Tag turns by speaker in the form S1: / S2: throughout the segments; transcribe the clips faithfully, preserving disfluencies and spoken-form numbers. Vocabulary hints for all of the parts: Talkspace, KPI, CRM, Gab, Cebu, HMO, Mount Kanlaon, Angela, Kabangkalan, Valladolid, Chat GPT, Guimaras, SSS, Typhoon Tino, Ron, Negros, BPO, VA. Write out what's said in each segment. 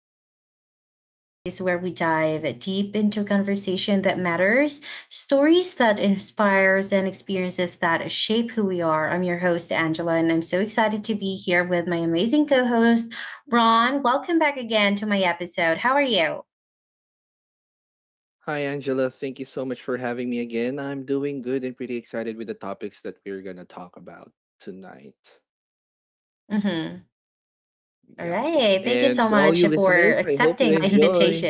S1: Talkspace, the place where we dive deep into conversation that matters, stories that inspires and experiences that shape who we are. I'm your host Angela and I'm so excited to be here with my amazing co-host Ron. Welcome back again to my episode. How are you?
S2: Hi, Angela. Thank you so much for having me again. I'm doing good and pretty excited with the topics that we're going to talk about
S1: Mhm.
S2: tonight.
S1: All right. Thank you so much
S2: Yep.
S1: for
S2: And to all
S1: accepting
S2: you
S1: my
S2: listeners, I hope you
S1: invitation.
S2: enjoy.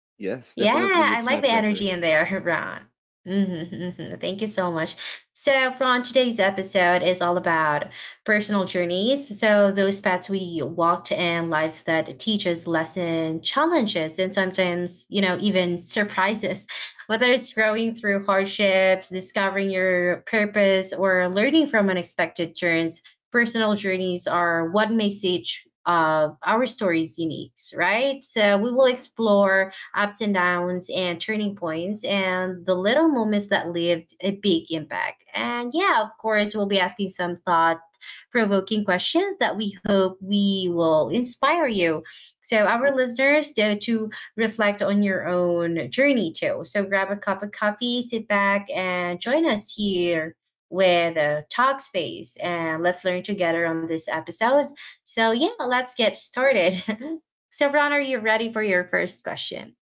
S1: Yeah,
S2: Yes,
S1: I like the
S2: definitely. It's my
S1: energy in
S2: pleasure.
S1: there, Ron. Mhm, mhm. Thank you so much. So, from today's episode is all about personal journeys. So, those paths we walked and lives that teach us lesson, challenges, and sometimes, you know, even surprises. Whether it's growing through hardships, discovering your purpose, or learning from unexpected turns, personal journeys are what makes each of our stories unique, right? So, we will explore ups and downs and turning points and the little moments that lived a big impact. And yeah, of course, we'll be asking some thought provoking questions that we hope we will inspire you. So our listeners to, to reflect on your own journey too. So grab a cup of coffee, sit back and join us here with uh, Talk Space and let's learn together on this episode. So yeah, let's get started. So Ron, are you ready for your first question?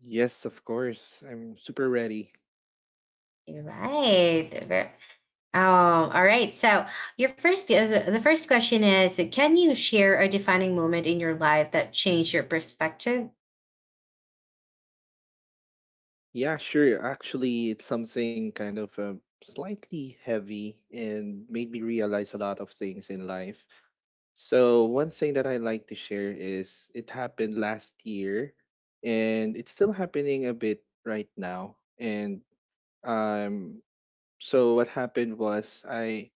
S2: Yes, of course. I'm super ready.
S1: Right. Ver- Um, all right. So, your first uh, the first question is: Can you share a defining moment in your life that changed your perspective?
S2: Yeah, sure. Actually, it's something kind of uh, slightly heavy and made me realize a lot of things in life. So, one thing that I like to share is it happened last year and it's still happening a bit right now. And um so what happened was I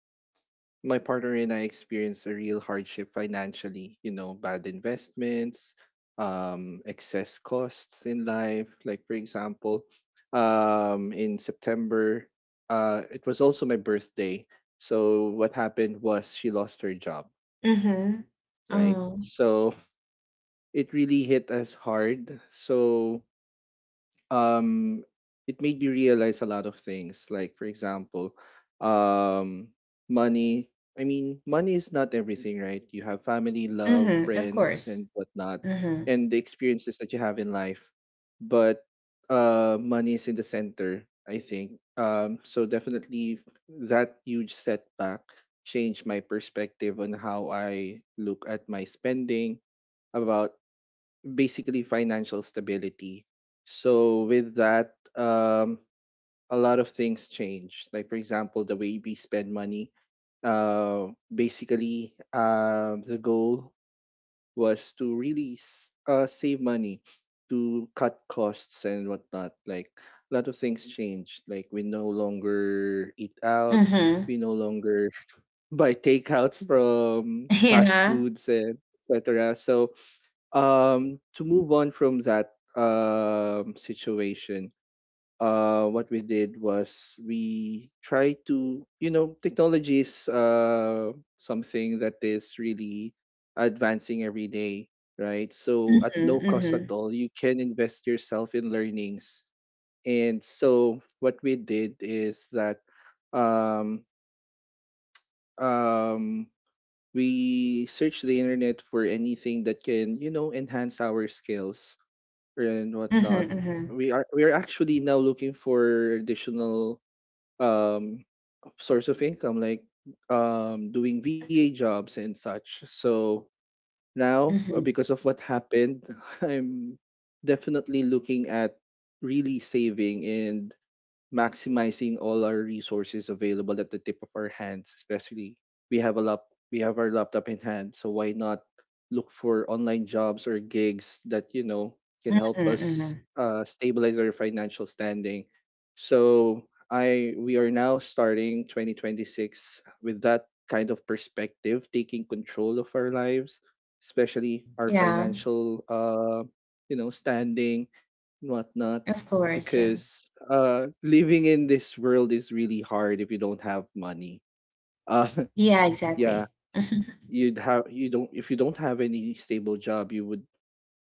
S2: my partner and I experienced a real hardship financially, you know, bad investments, um, excess costs in life. Like, for example, um, in September, uh, it was also my birthday. So, what happened was she lost her job,
S1: Mm-hmm.
S2: right?
S1: Oh.
S2: So, it really hit us hard. So, um it made me realize a lot of things. Like, for example, um money, I mean, money is not everything, right? You have family, love,
S1: Mm-hmm. Of
S2: friends
S1: course.
S2: and whatnot,
S1: Mm-hmm.
S2: and the experiences that you have in life. But uh money is in the center, I think. Um so definitely that huge setback changed my perspective on how I look at my spending, about basically financial stability. So with that, um, a lot of things change. Like, for example, the way we spend money. Uh, basically, uh, the goal was to really s- uh, save money, to cut costs and whatnot. Like, a lot of things changed. Like, we no longer eat out.
S1: Mm-hmm.
S2: We no longer buy takeouts from fast
S1: Yeah.
S2: foods and et cetera. So um to move on from that um situation, uh what we did was we try to, you know, technology is uh something that is really advancing every day, right? So at
S1: Mm-hmm.
S2: no cost at
S1: Mm-hmm.
S2: all you can invest yourself in learnings. And so what we did is that um um we search the internet for anything that can, you know, enhance our skills and whatnot.
S1: Mm-hmm. Mm-hmm.
S2: We are we are actually now looking for additional um source of income, like um doing V A jobs and such. So now, uh,
S1: Mm-hmm.
S2: because of what happened, I'm definitely looking at really saving and maximizing all our resources available at the tip of our hands. Especially, we have a lap we have our laptop in hand, so why not look for online jobs or gigs that, you know, can
S1: Mm-hmm.
S2: help
S1: mm-hmm.
S2: us uh, stabilize our financial standing. So i we are now starting twenty twenty-six with that kind of perspective, taking control of our lives, especially our
S1: Yeah.
S2: financial, uh you know, standing and whatnot,
S1: Of course. Yeah.
S2: because uh living in this world is really hard if you don't have money. uh
S1: Yeah.
S2: yeah,
S1: Exactly. Mm-hmm.
S2: you'd have you don't, if you don't have any stable job, you would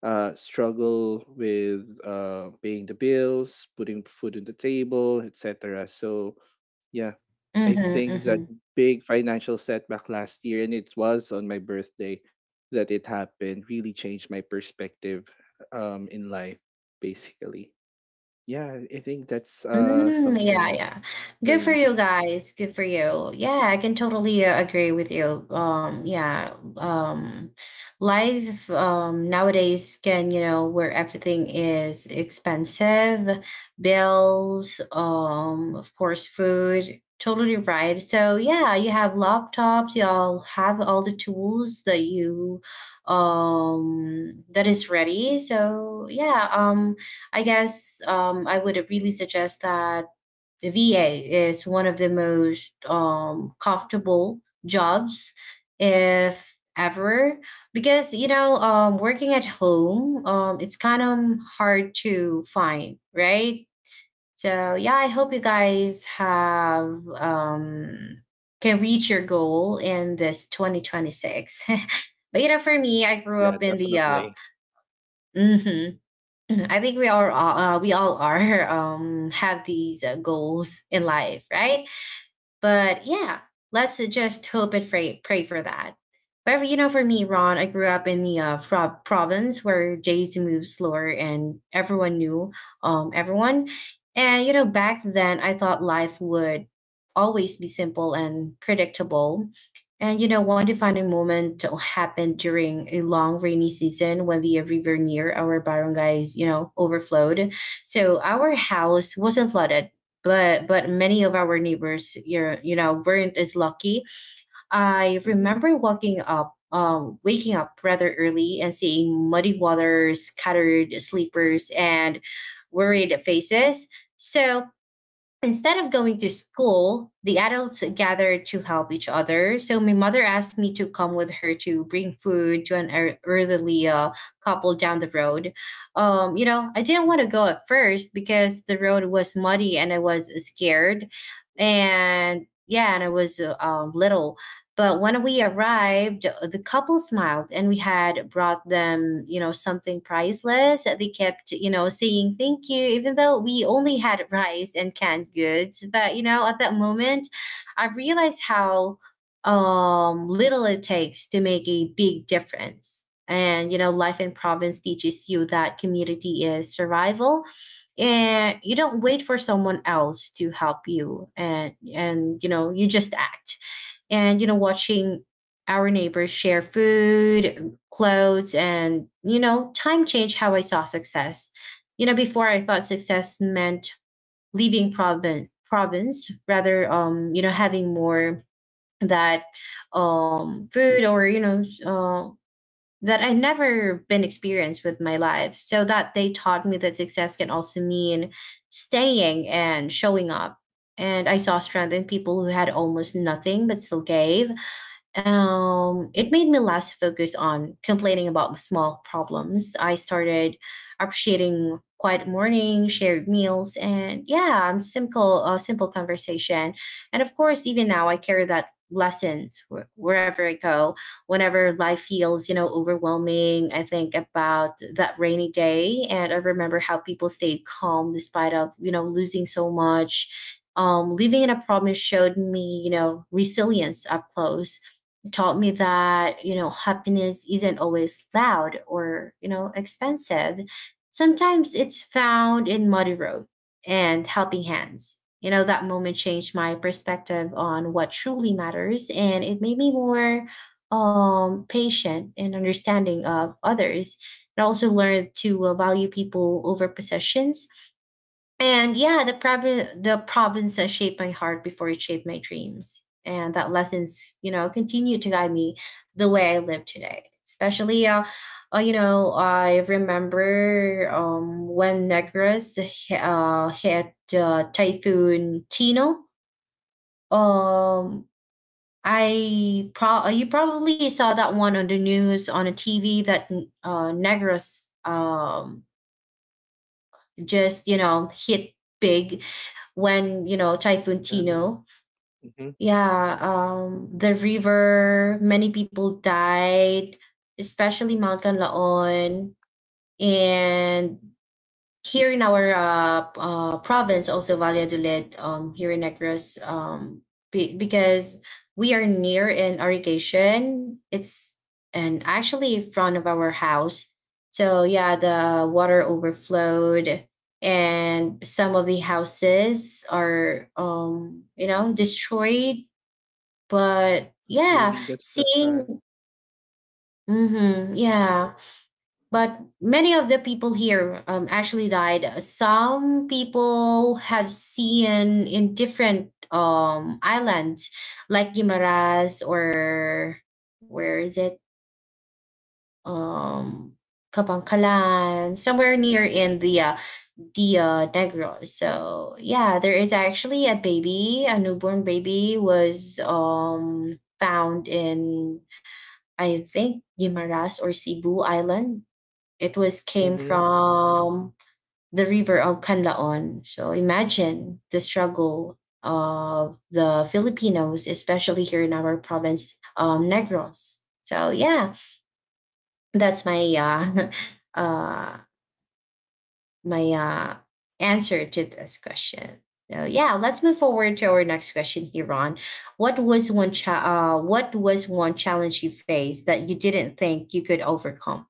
S2: uh struggle with uh paying the bills, putting food on the table, etc. So yeah, I
S1: Mm-hmm.
S2: think that
S1: mm-hmm.
S2: big financial setback last year, and it was on my birthday that it happened, really changed my perspective um in life, basically. Yeah, I think that's uh
S1: Mm, yeah,
S2: something
S1: yeah.
S2: for
S1: Good for
S2: me.
S1: you guys. Good for you. Yeah, I can totally uh, agree with you. Um, yeah. Um, life um nowadays can, you know, where everything is expensive, bills, um, of course, food. Totally right. So yeah, you have laptops, you all have all the tools that you um that is ready. So yeah, um I guess um, I would really suggest that the V A is one of the most um, comfortable jobs, if ever, because you know um, working at home um, it's kind of hard to find, right? So yeah, I hope you guys have um, can reach your goal in this twenty twenty-six. But you know, for me, I grew
S2: Yeah,
S1: up in the uh,
S2: definitely.
S1: mhm, Mhm. I think we are all, uh, we all are um have these uh, goals in life, right? But yeah, let's just hope and pray, pray for that. However, you know, for me, Ron, I grew up in the uh, fro- province where days moved slower and everyone knew um, everyone. And, you know, back then I thought life would always be simple and predictable. And, you know, one defining moment happened during a long rainy season when the river near our barangays, you know, overflowed. So our house wasn't flooded, but but many of our neighbors you're you know weren't as lucky. I
S2: Mm-hmm.
S1: remember walking up um, waking up rather early and seeing muddy water, scattered sleepers and worried faces. So instead of going to school, the adults gathered to help each other. So my mother asked me to come with her to bring food to an er- elderly uh, couple down the road. Um, you know, I didn't want to go at first because the road was muddy and I was scared. And yeah, and I was uh, um, little. But when we arrived, the couple smiled and we had brought them, you know, something priceless. They kept, you know, saying thank you, even though we only had rice and canned goods. But, you know, at that moment, I realized how um, little it takes to make a big difference. And, you know, life in province teaches you that community is survival and you don't wait for someone else to help you, and and you know you just act. And you know, watching our neighbors share food, clothes and, you know, time changed how I saw success. You know, before I thought success meant leaving province province rather, um, you know, having more that, um food or you know s- uh, that I never been experienced with my life, so that they taught me that success can also mean staying and showing up, and I saw strength in people who had almost nothing but still gave. Um, it made me less focused on complaining about small problems. I started appreciating quiet morning, shared meals, and yeah, um, simple, uh, simple conversation. And of course, even now, I carry that lessons wh- wherever I go. Whenever life feels, you know, overwhelming, I think about that rainy day, and I remember how people stayed calm despite of, you know, losing so much. Um, living in a problem showed me, you know, resilience up close, taught me that, you know, happiness isn't always loud or, you know, expensive. Sometimes it's found in muddy road and helping hands. You know, that moment changed my perspective on what truly matters, and it made me more um patient and understanding of others. And I also learned to uh, value people over possessions. And yeah, the prob- the province that shaped my heart before it shaped my dreams. And that lessons, you know, continue to guide me the way I live today. Especially, uh, uh you know, I remember um, when Negros uh, hit uh, Typhoon Tino. Um, I pro- uh, you probably saw that one on the news on a T V that uh, Negros, um, just you know hit big when, you know, Typhoon
S2: Yeah.
S1: Tino.
S2: Mm-hmm.
S1: Yeah, um, the river, many people died, especially Mount Kanlaon. And here in our uh, p- uh, province, also Valladolid, um, here in Negros, um, be- because we are near an irrigation. It's, and actually in front of our house. So yeah, the water overflowed, and some of the houses are, um, you know, destroyed. But yeah,
S2: Really, that's just
S1: seeing,
S2: sad.
S1: mm-hmm,
S2: Mm-hmm.
S1: yeah, but many of the people here, um, actually died. Some people have seen in different, um, islands, like Guimaras or where is it? Um, Kabangkalan, somewhere near in the uh, the uh, Negros. So yeah, there is actually a baby, a newborn baby was, um, found in, I think, Guimaras or Cebu Island. It was came
S2: Mm-hmm.
S1: from the river of Canlaon. So imagine the struggle of the Filipinos, especially here in our province, um, Negros. So yeah, that's my uh, uh, my uh, answer to this question. So yeah, let's move forward to our next question here, Ron. What was one cha- uh, What was one challenge you faced that you didn't think you could overcome?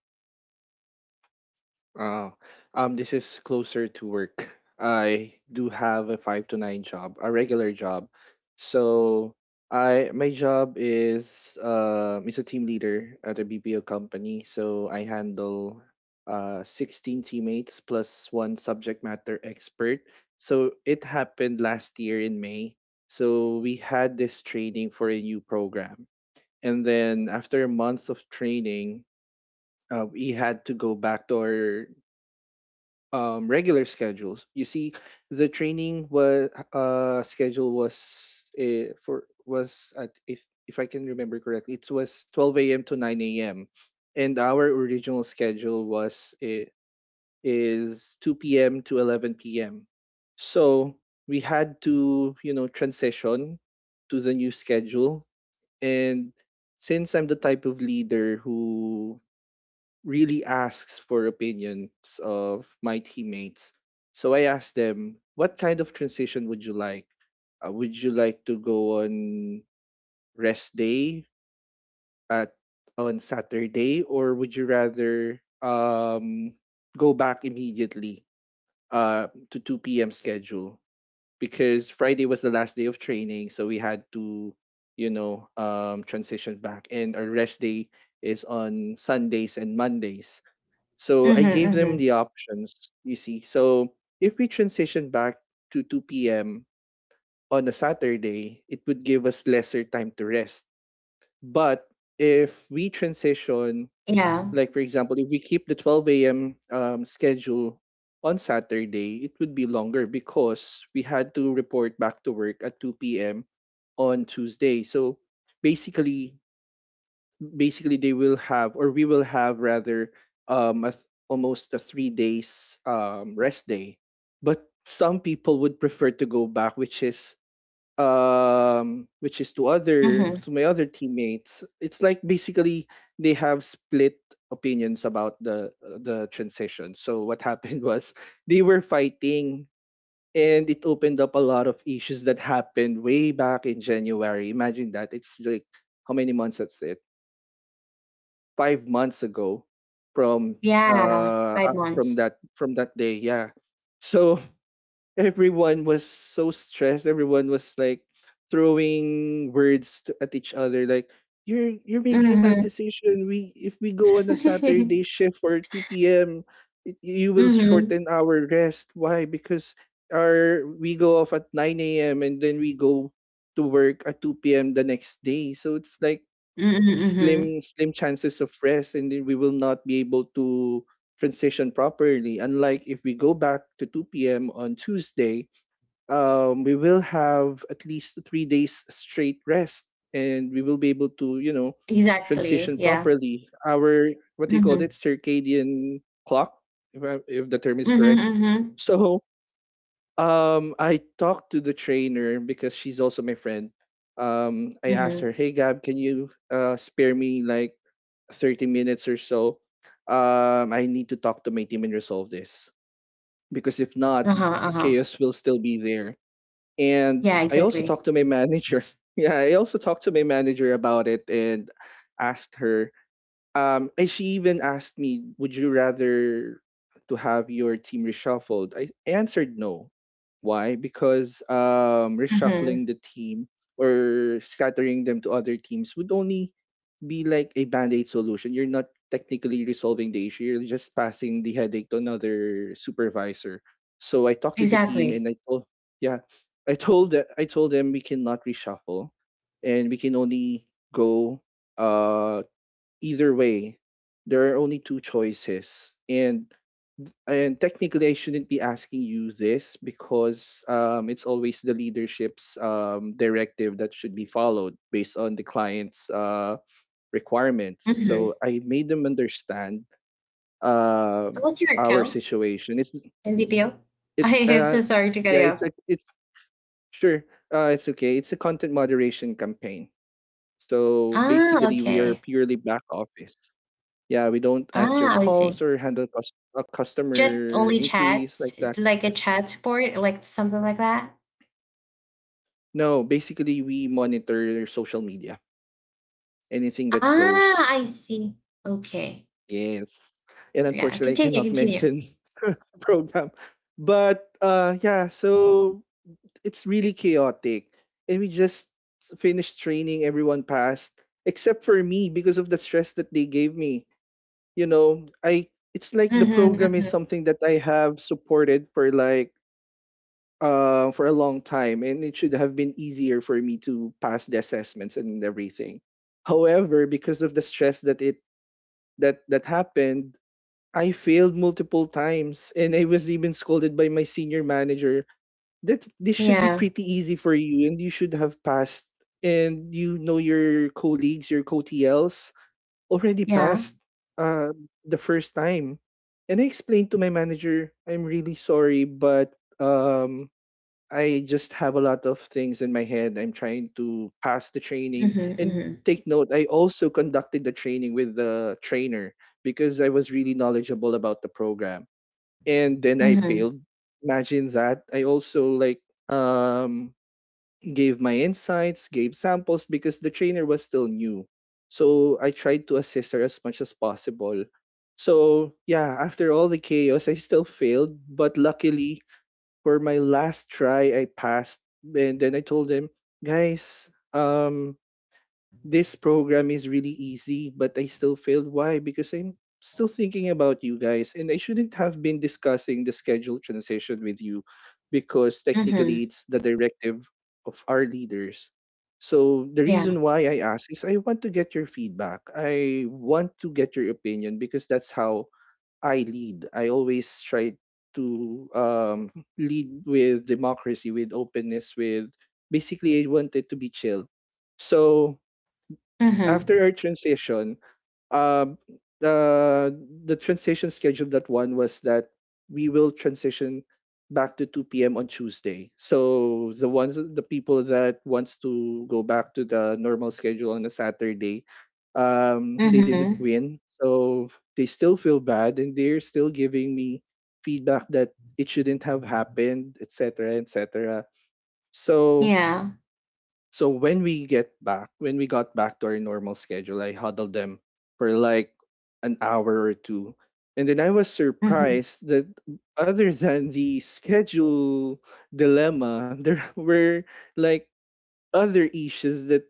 S2: Uh, um, this is closer to work. I do have a five to nine job, a regular job. So I my job is uh is a team leader at a B P O company. So I handle uh sixteen teammates plus one subject matter expert. So it happened last year in May. So we had this training for a new program. And then after a month of training, uh, we had to go back to our um, regular schedules. You see, the training was uh, schedule was uh, for was at if if I can remember correctly, it was twelve a m to nine a m, and our original schedule was uh, is two p m to eleven p m. So we had to, you know, transition to the new schedule. And since I'm the type of leader who really asks for opinions of my teammates, so I asked them, what kind of transition would you like? Uh, would you like to go on rest day at on Saturday, or would you rather um, go back immediately uh, to two p m schedule? Because Friday was the last day of training, so we had to, you know, um, transition back, and our rest day is on Sundays and Mondays. So
S1: Mm-hmm,
S2: I gave them
S1: mm-hmm.
S2: the options, you see. So if we transition back to two p m on a Saturday, it would give us lesser time to rest. But if we transition,
S1: Yeah.
S2: like, for example, if we keep the twelve a m. Um, schedule on Saturday, it would be longer because we had to report back to work at two p m on Tuesday. So basically, basically they will have, or we will have rather, um a th- almost a three days um rest day. But some people would prefer to go back, which is um which is to other
S1: Mm-hmm.
S2: to my other teammates, it's like, basically, they have split opinions about the the transition. So what happened was they were fighting, and it opened up a lot of issues that happened way back in January. Imagine that. It's like, how many months? That's five months ago from
S1: Yeah.
S2: uh
S1: Five
S2: uh, from
S1: months.
S2: that from that day. Yeah. So everyone was so stressed. Everyone was like throwing words to, at each other, like, you're you're making a bad
S1: Mm-hmm.
S2: decision. We, if we go on a
S1: Mhm.
S2: Saturday shift for two p.m., it, you will
S1: Mhm,
S2: shorten our rest. Why? Because our we go off at nine a.m. and then we go to work at two p.m. the next day. So it's like
S1: mhm.
S2: slim slim chances of rest, and then we will not be able to transition properly. Unlike if we go back to two p.m. on Tuesday, um, we will have at least three days straight rest, and we will be able to, you know,
S1: Exactly,
S2: transition
S1: yeah.
S2: properly our, what do you call
S1: Mhm.
S2: it, circadian clock, if, I, if the term is
S1: Mhm,
S2: correct.
S1: mhm,
S2: So um, I talked to the trainer because she's also my friend. um, I asked
S1: mhm.
S2: her, "Hey Gab, can you uh, spare me like thirty minutes or so? um, I need to talk to my team and resolve this. Because if not,
S1: Uh-huh, uh-huh.
S2: chaos will still be there." And
S1: Yeah,
S2: I also
S1: exactly.
S2: talked to my manager. Yeah, I also talked to my manager about it and asked her, um, and she even asked me, "Would you rather to have your team reshuffled?" I I answered no. Why? Because um, reshuffling
S1: Mhm.
S2: the team or scattering them to other teams would only be like a band-aid solution. You're not technically resolving the issue. You're just passing the headache to another supervisor. So I talked to the team
S1: Exactly.
S2: and I told, yeah, I told the- I told them we cannot reshuffle, and we can only go, Uh, either way, there are only two choices. And and technically, I shouldn't be asking you this because um, it's always the leadership's, um, directive that should be followed based on the client's uh, requirements.
S1: Mhm.
S2: So I made them understand um,
S1: What's your
S2: our
S1: account?
S2: situation. It's
S1: M B P O? I
S2: it's
S1: am
S2: uh
S1: so sorry to cut
S2: yeah
S1: you
S2: it's
S1: off.
S2: a it's sure uh, It's okay. It's a content moderation campaign. So
S1: Ah,
S2: basically, we are
S1: okay.
S2: purely back office. Yeah, we don't answer
S1: Ah, I
S2: calls
S1: see.
S2: or handle cus- uh,
S1: Just
S2: customer
S1: only
S2: inquiries
S1: chats,
S2: like that.
S1: like a chat support, like something like that?
S2: No, basically we monitor social media. Anything that
S1: Ah,
S2: goes,
S1: I see. Okay.
S2: yes. And
S1: Yeah,
S2: unfortunately, I
S1: continue,
S2: cannot
S1: continue.
S2: mention program. But uh yeah, so it's really chaotic. And we just finished training, everyone passed, except for me because of the stress that they gave me. You know, I it's like
S1: hmm
S2: the program is
S1: hmm
S2: something that I have supported for like uh, for a long time, and it should have been easier for me to pass the assessments and everything. However, because of the stress that it that that happened, I failed multiple times, and I was even scolded by my senior manager that this should be
S1: Yeah,
S2: pretty easy for you, and you should have passed, and you know your colleagues, your co-T Ls already
S1: yeah.
S2: passed uh, the first time. And I explained to my manager, I'm really sorry, but um I just have a lot of things in my head. I'm trying to pass the training.
S1: hmm
S2: And
S1: hmm
S2: take note, I also conducted the training with the trainer because I was really knowledgeable about the program. And then I
S1: hmm
S2: failed. Imagine that. I also like um gave my insights, gave samples because the trainer was still new. So I tried to assist her as much as possible. So yeah, after all the chaos, I still failed, but luckily for my last try I passed. And then I told them, "Guys, um this program is really easy, but I still failed. Why? Because I'm still thinking about you guys, and I shouldn't have been discussing the schedule transition with you because technically
S1: Mhm.
S2: it's the directive of our leaders." So the
S1: Yeah.
S2: reason why I ask is I want to get your feedback. I want to get your opinion because that's how I lead. I always try to um, lead with democracy, with openness, with basically I want it to be chill. So
S1: Mhm.
S2: after our transition, um, the the transition schedule that one was that we will transition back to two p m on Tuesday. So the ones the people that wants to go back to the normal schedule on a Saturday, um, they didn't
S1: Mhm.
S2: win. So they still feel bad and they're still giving me feedback that it shouldn't have happened, et cetera, et cetera. So
S1: Yeah.
S2: so when we get back, when we got back to our normal schedule, I huddled them for like an hour or two. And then I was
S1: Mhm.
S2: surprised that other than the schedule dilemma, there were like other issues that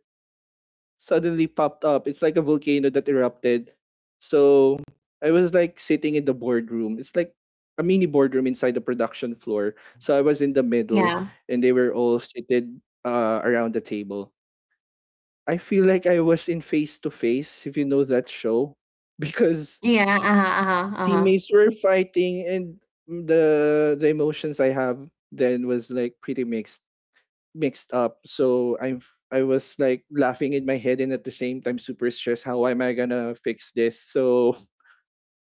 S2: suddenly popped up. It's like a volcano that erupted. So I was like sitting in the boardroom. It's like a mini boardroom inside the production floor. So I was in the middle
S1: Yeah.
S2: and they were all seated uh, around the table. I feel like I was in Face to Face, if you know that show, because
S1: Yeah. Uh-huh. Uh-huh. Uh-huh.
S2: teammates were fighting and the the emotions I have then was like pretty mixed mixed up. So I'm f- I am I was like laughing in my head and at the same time super stressed. How am I gonna fix this? So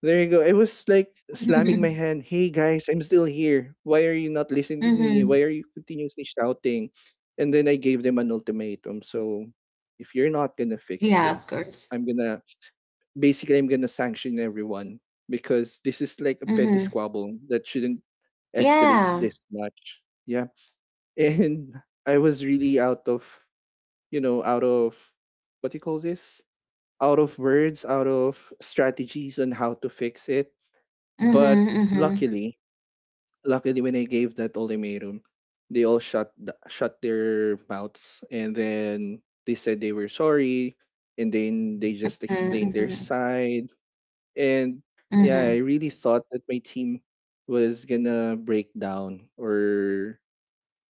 S2: there you go. I was like slamming my
S1: Mhm.
S2: hand. Hey guys, I'm still here. Why are you not listening to me?
S1: Mhm.
S2: Why are you continuously shouting? And then I gave them an ultimatum. So if you're not gonna fix
S1: Yeah, of
S2: this,
S1: course.
S2: I'm gonna basically I'm gonna sanction everyone because this is like a petty
S1: Mhm.
S2: squabble that shouldn't escalate
S1: Yeah.
S2: this much. Yeah. And I was really out of you know, out of what do you call this? Out of words, out of strategies on how to fix it,
S1: Mhm.
S2: but
S1: Mhm.
S2: luckily, luckily when I gave that ultimatum, they all shut th- shut their mouths, and then they said they were sorry, and then they just
S1: Mhm.
S2: explained their
S1: Mhm.
S2: side. And yeah, I
S1: Mhm.
S2: really thought that my team was gonna break down or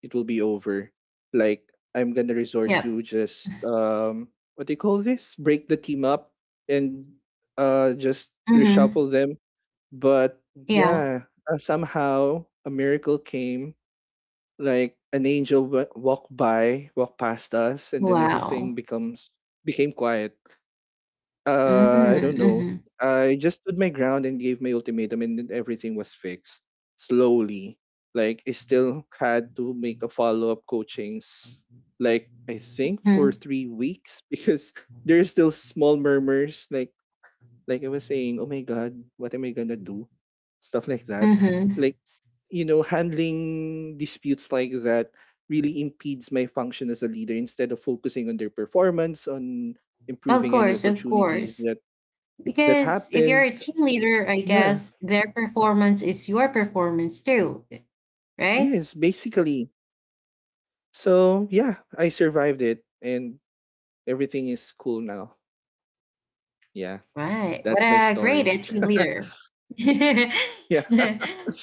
S2: it will be over. Like I'm gonna resort
S1: Yep.
S2: to just um what do you call this? Break the team up and uh just
S1: Mhm.
S2: reshuffle them, but
S1: Yeah.
S2: yeah, uh, somehow a miracle came. Like an angel w- walked by, walked past us, and then everything
S1: Wow.
S2: becomes became quiet. Uh, I
S1: Mm.
S2: don't know.
S1: Mhm.
S2: I just stood my ground and gave my ultimatum, and then everything was fixed slowly. Like I still had to make a follow up coachings, like I think for
S1: Mhm.
S2: three weeks because there's still small murmurs, like like I was saying, "Oh my God, what am I gonna do?" Stuff like that.
S1: Mm-hmm.
S2: Like, you know, handling disputes like that really impedes my function as a leader instead of focusing on their performance, on
S1: Of
S2: improving any
S1: course, of
S2: opportunities
S1: course.
S2: that that
S1: Because if you're a
S2: happens.
S1: team leader, I
S2: Yeah.
S1: guess their performance is your performance too, right?
S2: Yes, basically. So, yeah, I survived it and everything is cool now. Yeah.
S1: Right. What
S2: That's my
S1: a great
S2: story.
S1: and team leader. Thank
S2: Yeah.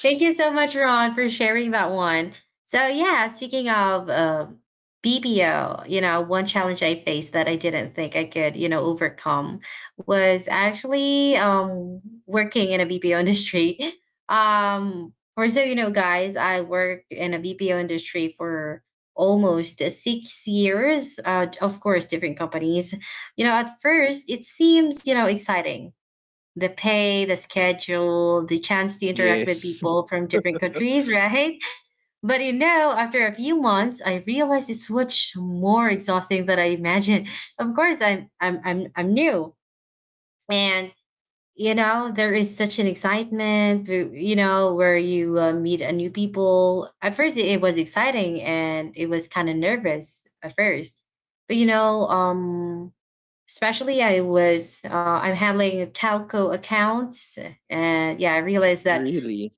S1: you so much, Ron, for sharing that one. So, yeah, speaking of um B P O, you know, one challenge I faced that I didn't think I could, you know, overcome was actually, um, working in a B P O industry. Um, or so you know, guys, I worked in a B P O industry for almost six years. Uh, of course, different companies. You know, at first, it seems, you know, exciting. The pay, the schedule, the chance to interact with
S2: Yes.
S1: people from different countries, right? But you know, after a few months, I realized it's much more exhausting than I imagined. Of course, I'm I'm I'm I'm new, and you know, there is such an excitement. You know, where you uh, meet a new people. At first, it, it was exciting, and it was kind of nervous at first. But you know, um, especially I was uh, I'm handling telco accounts, and yeah, I realized that,
S2: Really.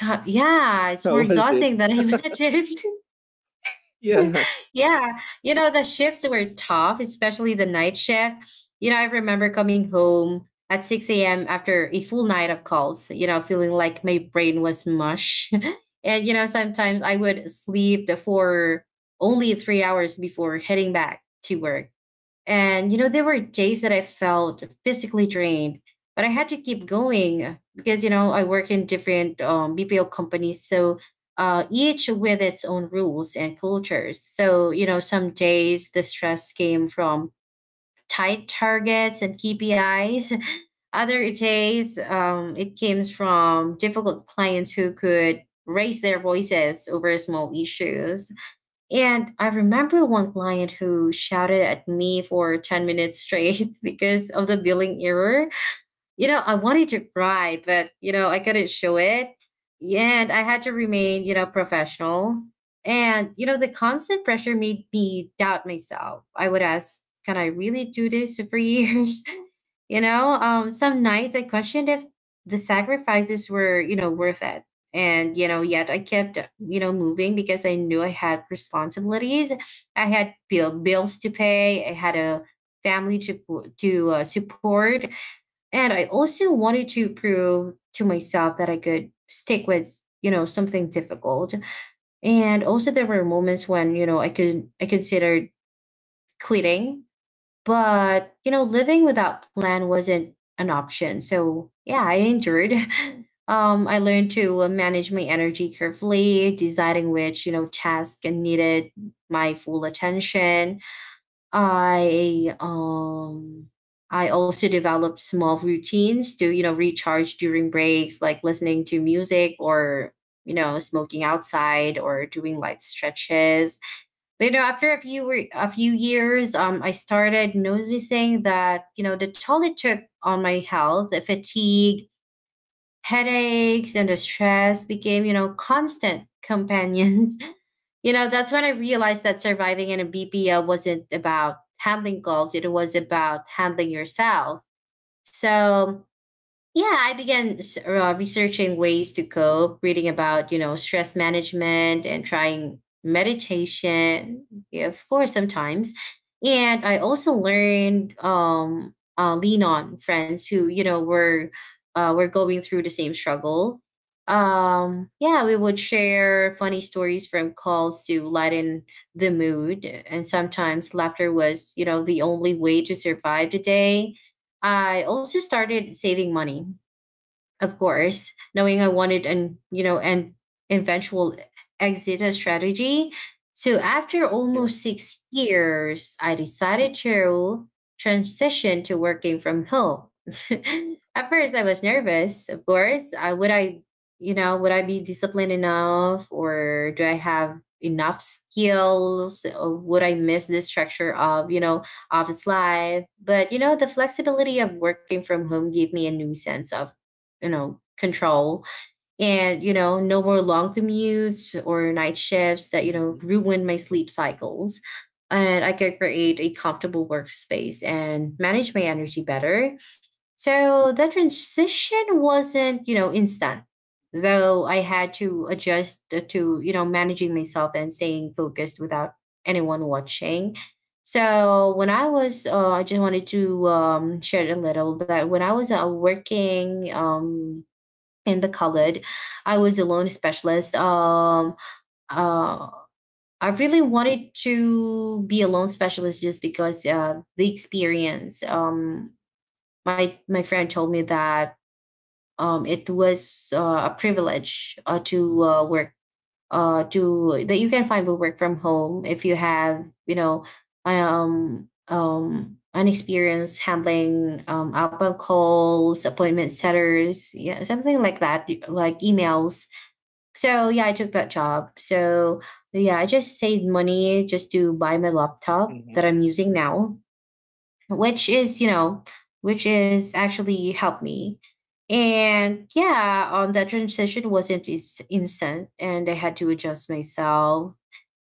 S1: God, yeah, it's
S2: How
S1: more
S2: was it?
S1: exhausting than I imagined.
S2: Yeah.
S1: Yeah, you know the shifts were tough, especially the night shift. You know, I remember coming home at six a m after a full night of calls. You know, feeling like my brain was mush, and you know sometimes I would sleep for only three hours before heading back to work. And, you know, there were days that I felt physically drained, but I had to keep going because, you know, I work in different, um, B P O companies. So uh, each with its own rules and cultures. So, you know, some days the stress came from tight targets and K P Is. Other days, um, it came from difficult clients who could raise their voices over small issues. And I remember one client who shouted at me for ten minutes straight because of the billing error. You know, I wanted to cry, but, you know, I couldn't show it. And I had to remain, you know, professional. And, you know, the constant pressure made me doubt myself. I would ask, can I really do this for years? you know, um, some nights I questioned if the sacrifices were, you know, worth it. And, you know, yet I kept, you know, moving because I knew I had responsibilities. I had bill, bills to pay. I had a family to, to uh, support, and I also wanted to prove to myself that I could stick with, you know, something difficult. And also there were moments when, you know, I could I considered quitting, but you know, living without plan wasn't an option. So yeah, I endured. Um, I learned to uh, manage my energy carefully, deciding which, you know, task needed my full attention. I um I also developed small routines to, you know, recharge during breaks, like listening to music, or, you know, smoking outside, or doing light stretches. But, you know, after a few re- a few years, um, I started noticing, that, you know, the toll it took on my health. The fatigue, headaches, and the stress became, you know, constant companions. You know, that's when I realized that surviving in a B P O wasn't about handling calls, it was about handling yourself. So yeah, I began s- uh, researching ways to cope, reading about, you know, stress management, and trying meditation, yeah, of course, sometimes. And I also learned um uh, lean on friends who, you know, were uh, were going through the same struggle. Um yeah, we would share funny stories from calls to lighten the mood, and sometimes laughter was, you know, the only way to survive the day. I also started saving money, of course, knowing I wanted an you know an eventual exit strategy. So after
S2: Yeah.
S1: almost six years, I decided to transition to working from home. At first, I was nervous. Of course, I would I you know, would I be disciplined enough, or do I have enough skills, or would I miss the structure of, you know office life? But you know, the flexibility of working from home gave me a new sense of, you know control. And you know, no more long commutes or night shifts that you know
S2: Hmm.
S1: ruin my sleep cycles, and I could create a comfortable workspace and manage my energy better. So the transition wasn't, you know instant, though I had to adjust to, you know, managing myself and staying focused without anyone watching. So when I was, uh, I just wanted to um, share a little that when I was uh, working um, in the college. I was a loan specialist. Um, uh, I really wanted to be a loan specialist just because uh, the experience. Um, my my friend told me that um, it was uh, a privilege uh, to uh, work, uh, to that you can find work from home if you have you know, um, um, an experience handling um, outbound calls, appointment setters, yeah, something like that, like emails. So yeah, I took that job. So yeah, I just saved money just to buy my laptop
S2: Hmm.
S1: that I'm using now, which is, you know, which is actually helped me. And yeah, um that transition wasn't is instant, and I had to adjust myself.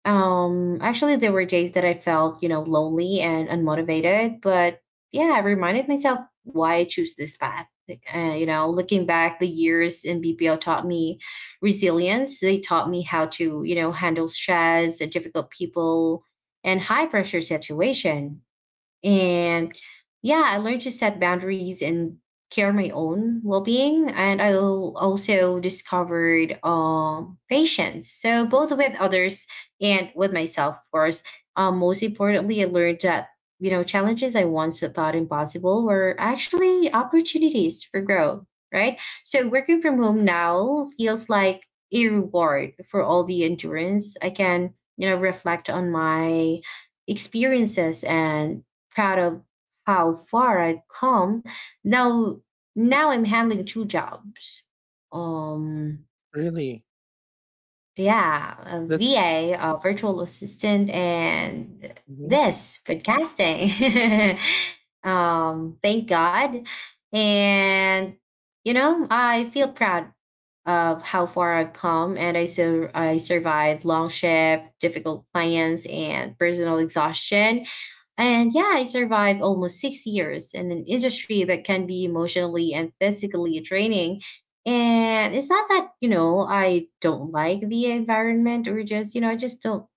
S1: um, actually, there were days that I felt, you know, lonely and unmotivated, but yeah, I reminded myself why I choose this path. Like, uh, you know, looking back, the years in B P O taught me resilience. They taught me how to, you know, handle stress and difficult people and high pressure situation. And yeah, I learned to set boundaries and care my own well being. And I al- also discovered um, patience. So, both with others and with myself, of course. Um, most importantly, I learned that, you know, challenges I once thought impossible were actually opportunities for growth, right? So, working from home now feels like a reward for all the endurance. I can, you know, reflect on my experiences and proud of how far I've come. Now, now I'm handling two jobs. Um,
S2: Really?
S1: yeah, a
S2: That's.
S1: V A, a a virtual assistant, and
S2: Hmm.
S1: this podcasting. um, thank God. And you know, I feel proud of how far I've come, and I, so I survived long shift, difficult clients, and personal exhaustion, and yeah, I survived almost six years in an industry that can be emotionally and physically draining. And it's not that, you know, I don't like the environment, or just, you know, I just don't,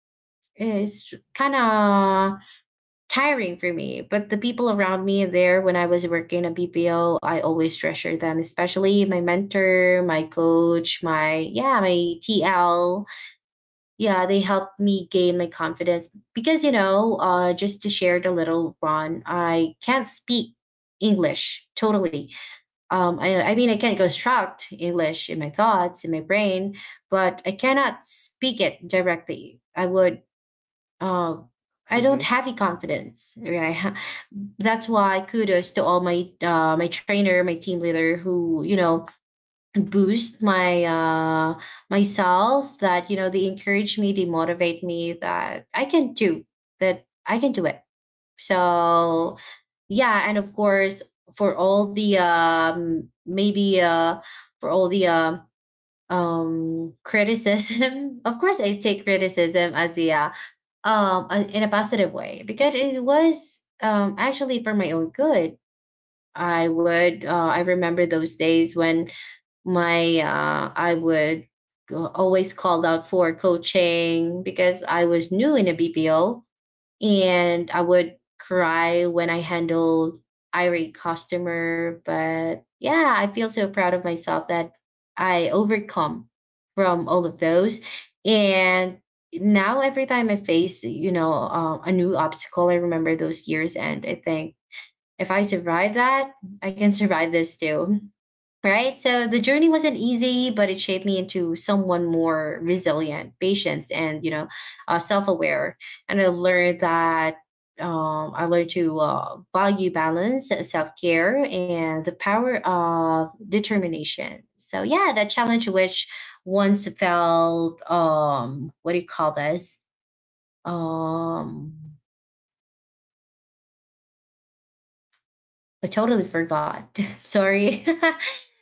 S1: it's kind of tiring for me. But the people around me there when I was working at B P O, I always treasure them, especially my mentor, my coach, my, yeah, my T L. Yeah, they helped me gain my confidence because, you know, uh, just to share it a little, Ron, I can't speak English totally. Um, I, I mean, I can construct English in my thoughts, in my brain, but I cannot speak it directly. I would, uh, I
S2: Hmm.
S1: don't have the confidence. Right? I ha- That's why kudos to all my uh, my trainer, my team leader, who you know boost my uh myself, that you know they encourage me, they motivate me that I can do, that I can do it. So yeah, and of course, for all the um maybe uh for all the um um criticism. Of course I take criticism as a uh, um a- in a positive way, because it was um actually for my own good. I would uh, I remember those days when my uh, I would always called out for coaching because I was new in a BPO, and I would cry when I handled irate customer. But yeah, I feel so proud of myself that I overcome from all of those. And now every time I face, you know, uh, a new obstacle, I remember those years and I think, if I survive that, I can survive this too. Right? So the journey wasn't easy, but it shaped me into someone more resilient, patient, and, you know, uh, self aware. And I learned that, um, I learned to uh, value balance, self care, and the power of determination. So, yeah, that challenge, which once felt, um, what do you call this? Um, I totally forgot. Sorry.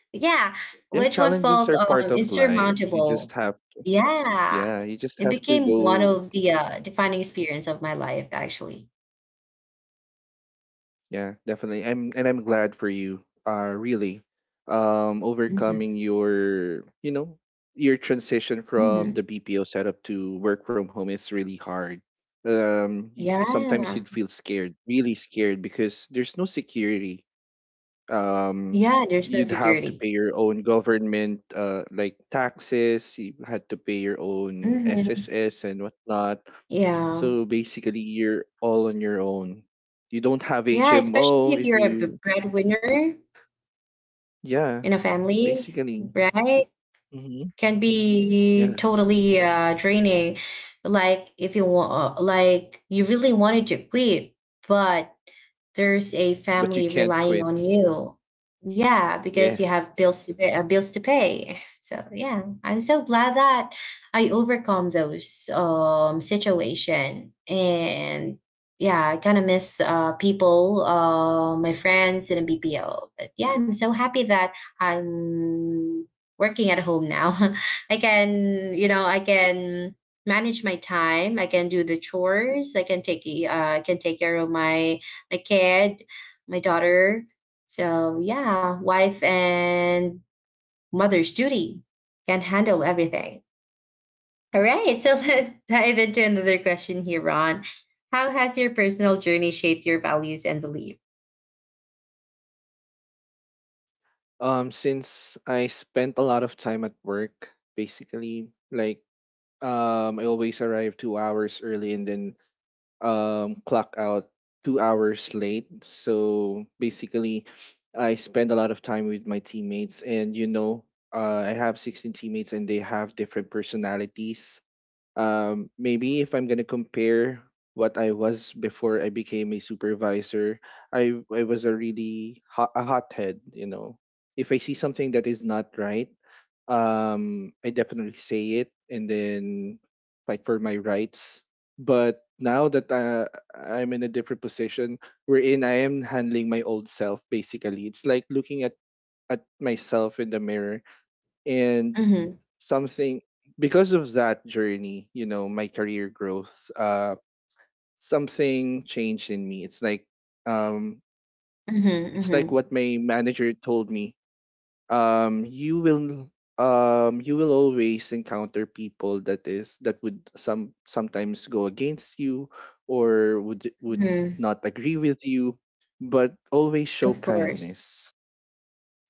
S1: Yeah,
S2: Yeah,
S1: which one
S2: challenges
S1: felt
S2: are part
S1: um,
S2: of life. You just
S1: insurmountable?
S2: have,
S1: Yeah,
S2: yeah, you just
S1: it
S2: have to
S1: became one
S2: go.
S1: of the uh, defining experience of my life, actually.
S2: Yeah, definitely. I'm and I'm glad for you. Uh really. Um
S1: Hmm.
S2: overcoming your you know, your transition from
S1: Hmm.
S2: the B P O setup to work from home is really hard. Um y-
S1: Yeah,
S2: sometimes you'd feel scared, really scared because there's no security. um
S1: yeah. There's no
S2: you'd have to
S1: security.
S2: pay your own government uh like taxes. You had to pay your own
S1: Hmm.
S2: S S S and whatnot.
S1: Yeah,
S2: So basically you're all on your own. You don't have
S1: yeah. Especially
S2: H M O
S1: if
S2: if
S1: you're a b-
S2: you.
S1: breadwinner
S2: Yeah,
S1: in a family,
S2: basically.
S1: right?
S2: Hmm.
S1: Can be
S2: Yeah,
S1: totally uh, draining. Like if you want, like you really wanted to quit, but there's a
S2: but you
S1: family
S2: can't
S1: relying
S2: quit.
S1: on you. Yeah, because you have
S2: Yes.
S1: bills to pay, uh, bills to pay. So yeah, I'm so glad that I overcome those um situation. And yeah, I kind of miss uh, people, uh, my friends in a B P O. But yeah, I'm so happy that I'm working at home now. I can you know, I can manage my time, I can do the chores, I can take uh, I can take care of my my kid, my daughter. So yeah, wife and mother's duty, can handle everything. All right, so let's dive into another question here, Ron. How has your personal journey shaped your values and belief?
S2: Um since I spent a lot of time at work, basically like um I always arrive two hours early and then um, clock out two hours late. So basically, I spend a lot of time with my teammates, and you know, uh, I have sixteen teammates, and they have different personalities. Um, maybe if I'm gonna compare what I was before I became a supervisor, I I was a really hot, a hothead. You know, if I see something that is not right, um I definitely say it and then fight for my rights. But now that uh, I'm in a different position, wherein I am handling my old self, basically it's like looking at at myself in the mirror, and
S1: Mm-hmm,
S2: something because of that journey, you know, my career growth, uh, something changed in me. It's like um,
S1: mm-hmm,
S2: it's like
S1: mm-hmm.
S2: what my manager told me. Um you will um you will always encounter people that is that would some sometimes go against you, or would would
S1: Mm-hmm.
S2: not agree with you, but always show
S1: Of course.
S2: kindness.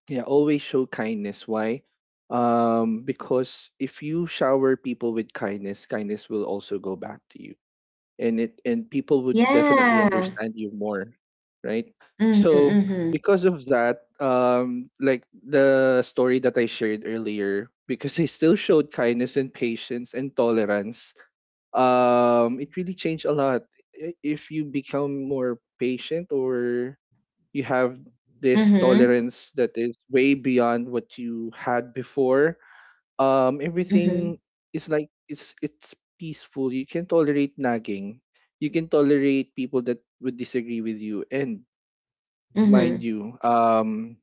S2: Yeah, always show kindness. Why? Um because if you shower people with kindness, kindness will also go back to you. And it and people would definitely
S1: Yeah.
S2: understand you more, right?
S1: Mhm,
S2: So
S1: mhm.
S2: because of that, um like the story that I shared earlier, because I still showed kindness and patience and tolerance, um it really changed a lot. I- if you become more patient, or you have this
S1: Mhm,
S2: tolerance that is way beyond what you had before, um
S1: mhm,
S2: everything is like it's it's peaceful. You can tolerate nagging. You can tolerate people that would disagree with you, and mind
S1: mhm,
S2: you, um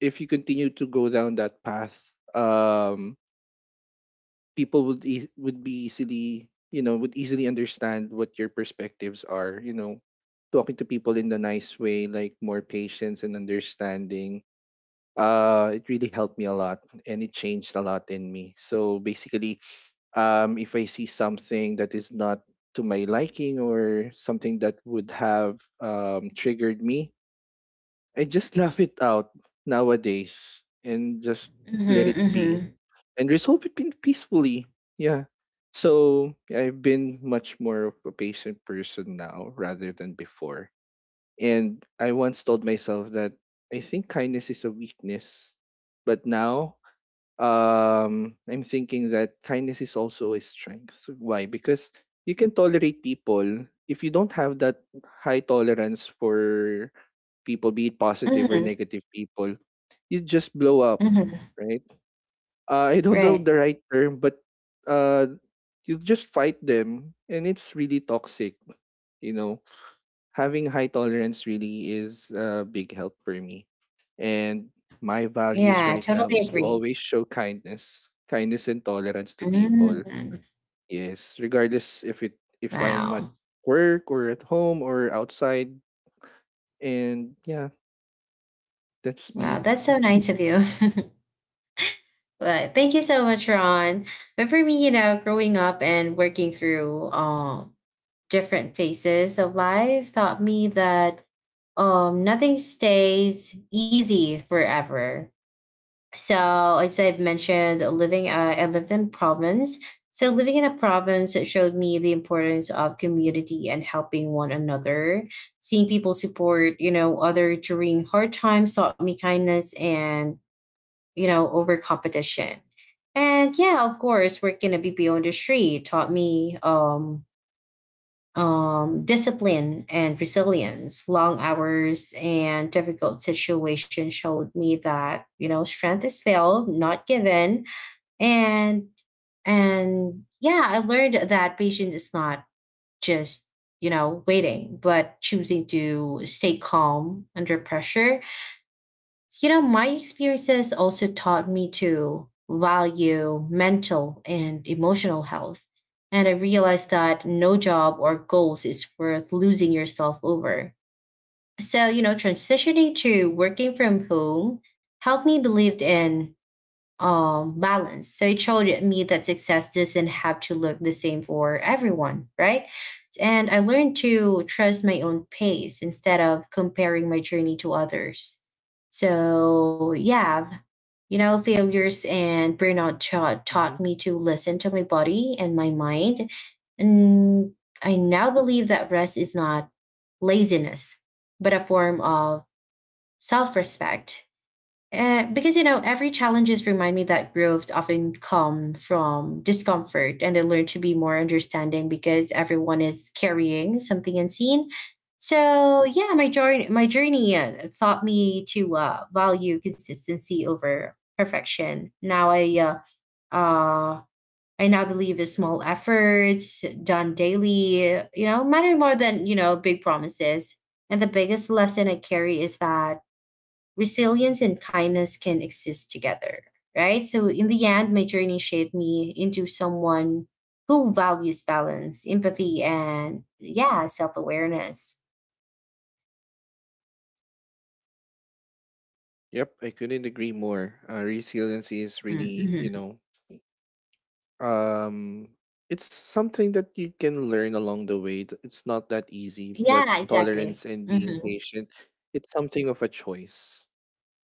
S2: if you continue to go down that path, um people would e- would be easily you know would easily understand what your perspectives are, you know talking to people in the nice way, like more patience and understanding. Uh it really helped me a lot and it changed a lot in me. So basically, um, if I see something that is not to my liking or something that would have um, triggered me, I just laugh it out nowadays and just let
S1: mhm,
S2: it be,
S1: mhm,
S2: and resolve it pin- peacefully. Yeah. So I've been much more of a patient person now rather than before. And I once told myself that I think kindness is a weakness. But now, um, I'm thinking that kindness is also a strength. Why? Because you can tolerate people. If you don't have that high tolerance for people, be it positive or
S1: mhm,
S2: negative people, you just blow up,
S1: mhm.
S2: right? Uh, I don't know
S1: Right.
S2: the right term, but uh, you just fight them, and it's really toxic, you know. Having high tolerance really is a big help for me. And my values
S1: Yeah, I
S2: right now
S1: totally
S2: is to
S1: agree.
S2: always show kindness, kindness and tolerance to
S1: Mm.
S2: people. Yes, regardless if it if I'm at
S1: Wow.
S2: work or at home or outside. And yeah, that's
S1: Wow,
S2: me.
S1: that's so nice of you. But thank you so much, Ron. But for me, you know, growing up and working through um different phases of life taught me that um nothing stays easy forever. So, as I've mentioned, living uh, I lived in province. So, living in a province, it showed me the importance of community and helping one another. Seeing people support, you know, other during hard times taught me kindness and you know over competition. And yeah, of course, working at B P O industry taught me um um, discipline and resilience. Long hours and difficult situations showed me that you know strength is built, not given, and and yeah, I learned that patience is not just, you know, waiting, but choosing to stay calm under pressure. You know, my experiences also taught me to value mental and emotional health. And I realized that no job or goals is worth losing yourself over. So, you know, transitioning to working from home helped me believe in um balance. So it showed me that success doesn't have to look the same for everyone, right? And I learned to trust my own pace instead of comparing my journey to others. So yeah, you know, failures and burnout taught taught
S2: Mhm.
S1: me to listen to my body and my mind. And I now believe that rest is not laziness, but a form of self-respect. Uh, because you know, every challenges remind me that growth often come from discomfort, and I learn to be more understanding because everyone is carrying something unseen. So yeah, my journey my journey uh, taught me to uh, value consistency over perfection. Now I uh, uh I now believe the small efforts done daily, you know, matter more than, you know, big promises. And the biggest lesson I carry is that resilience and kindness can exist together, right? So, in the end, my journey shaped me into someone who values balance, empathy, and yeah, self awareness.
S2: Yep, I couldn't agree more. Uh, resiliency is really, you
S1: Mm-hmm.
S2: know, Um, it's something that you can learn along the way. Th- It's not that easy, but
S1: Yeah, exactly.
S2: tolerance and being
S1: Hmm.
S2: patient, it's something of a choice,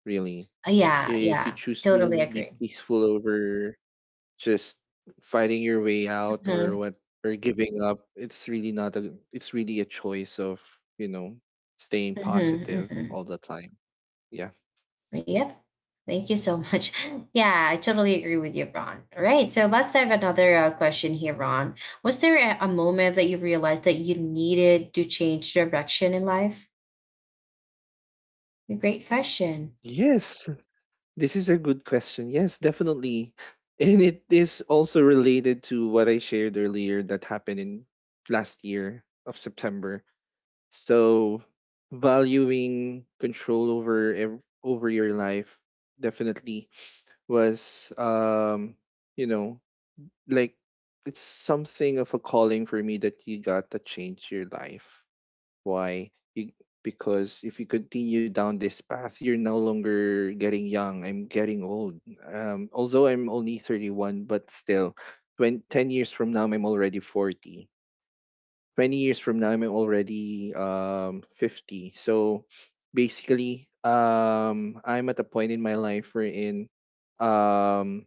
S2: really.
S1: Yeah,
S2: If you
S1: yeah,
S2: choose
S1: totally
S2: to be
S1: agree.
S2: peaceful over just fighting your way out, or
S1: Hmm.
S2: what, or giving up, it's really not a it's really a choice of, you know, staying
S1: Hmm.
S2: positive all
S1: Hmm.
S2: the time. Yeah.
S1: Yep. Thank you so much. Yeah, I totally agree with you, Ron. All right. So let's have another uh, question here, Ron. Was there a, a moment that you realized that you needed to change direction in life? A great question.
S2: Yes, this is a good question. Yes, definitely. And it is also related to what I shared earlier that happened in last year of September. So valuing control over ev- over your life definitely was um you know like it's something of a calling for me that you got to change your life. Why? You, because if you continue down this path, you're no longer getting young. I'm getting old. Um, although I'm only thirty-one, but still, twenty, ten years from now, I'm already forty. twenty years from now, I'm already um, fifty. So basically, um, I'm at a point in my life wherein, um,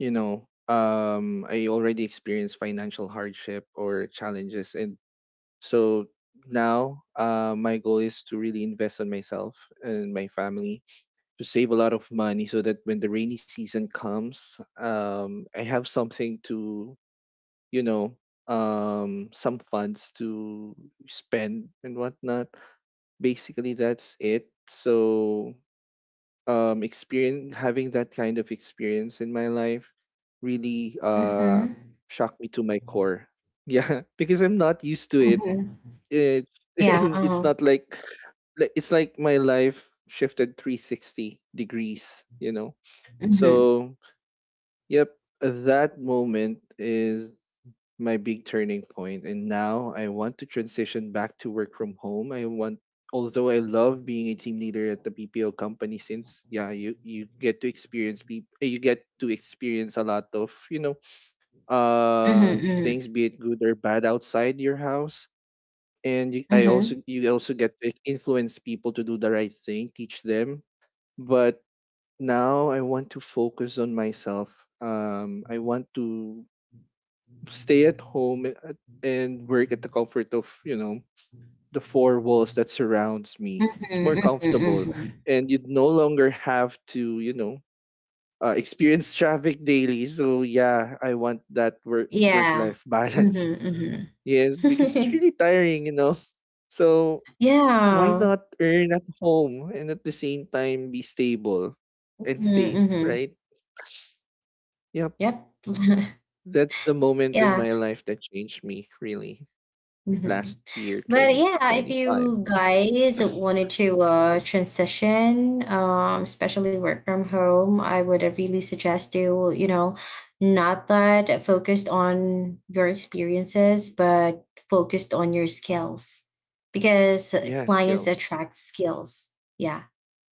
S2: you know, um, I already experienced financial hardship or challenges, and so now uh, my goal is to really invest on myself and my family, to save a lot of money so that when the rainy season comes, um, I have something to, you know, um, some funds to spend and whatnot. Basically, that's it. So um, experience having that kind of experience in my life really uh,
S1: Mm-hmm.
S2: shocked me to my core. Yeah, because I'm not used to it.
S1: Mm-hmm.
S2: It's
S1: Yeah.
S2: it's
S1: Uh-huh.
S2: not like like it's like my life shifted three hundred sixty degrees, you know.
S1: Mm-hmm.
S2: So, yep, that moment is my big turning point and now I want to transition back to work from home. I want Although I love being a team leader at the B P O company, since yeah, you you get to experience peop- you get to experience a lot of, you know, uh
S1: Mm-hmm.
S2: things, be it good or bad, outside your house, and you, I
S1: Mm-hmm.
S2: also you also get to influence people to do the right thing, teach them. But now I want to focus on myself. Um, I want to stay at home and and work at the comfort of you know the four walls that surrounds me. It's more
S1: Mm-hmm.
S2: comfortable,
S1: Mm-hmm.
S2: and you no longer have to you know uh, experience traffic daily. So yeah, I want that work work
S1: Yeah.
S2: life balance.
S1: Mm-hmm.
S2: Yes, because it's
S1: Mm-hmm.
S2: really tiring, you know. So why
S1: Yeah.
S2: not earn at home and at the same time be stable and safe,
S1: Mm-hmm.
S2: right? Yep.
S1: Yep.
S2: That's the moment in
S1: Yeah.
S2: my life that changed me really
S1: Mm-hmm.
S2: last year,
S1: But yeah, if
S2: twenty twenty-five.
S1: you guys wanted to uh, transition, um, especially work from home, I would uh, really suggest you, you know, not that focused on your experiences, but focused on your skills, because
S2: Yeah,
S1: clients
S2: skills.
S1: attract skills. Yeah.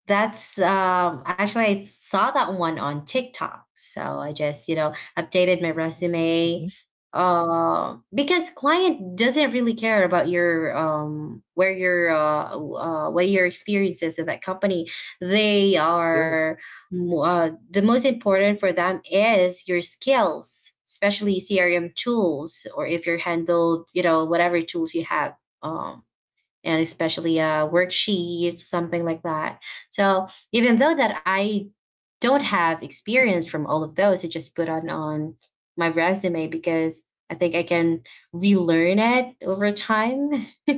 S1: That's um, actually I saw that one on TikTok. So I just, you know, updated my resume
S2: Hmm.
S1: uh, because client doesn't really care about your um, where your uh, w- uh, what your experience is in that company. They
S2: Yeah.
S1: are mo- uh, the most important for them is your skills, especially C R M tools, or if you're handled, you know, whatever tools you have. Um, and especially a worksheet, something like that. So even though that I don't have experience from all of those, I just put on on my resume because I think I can relearn it over time.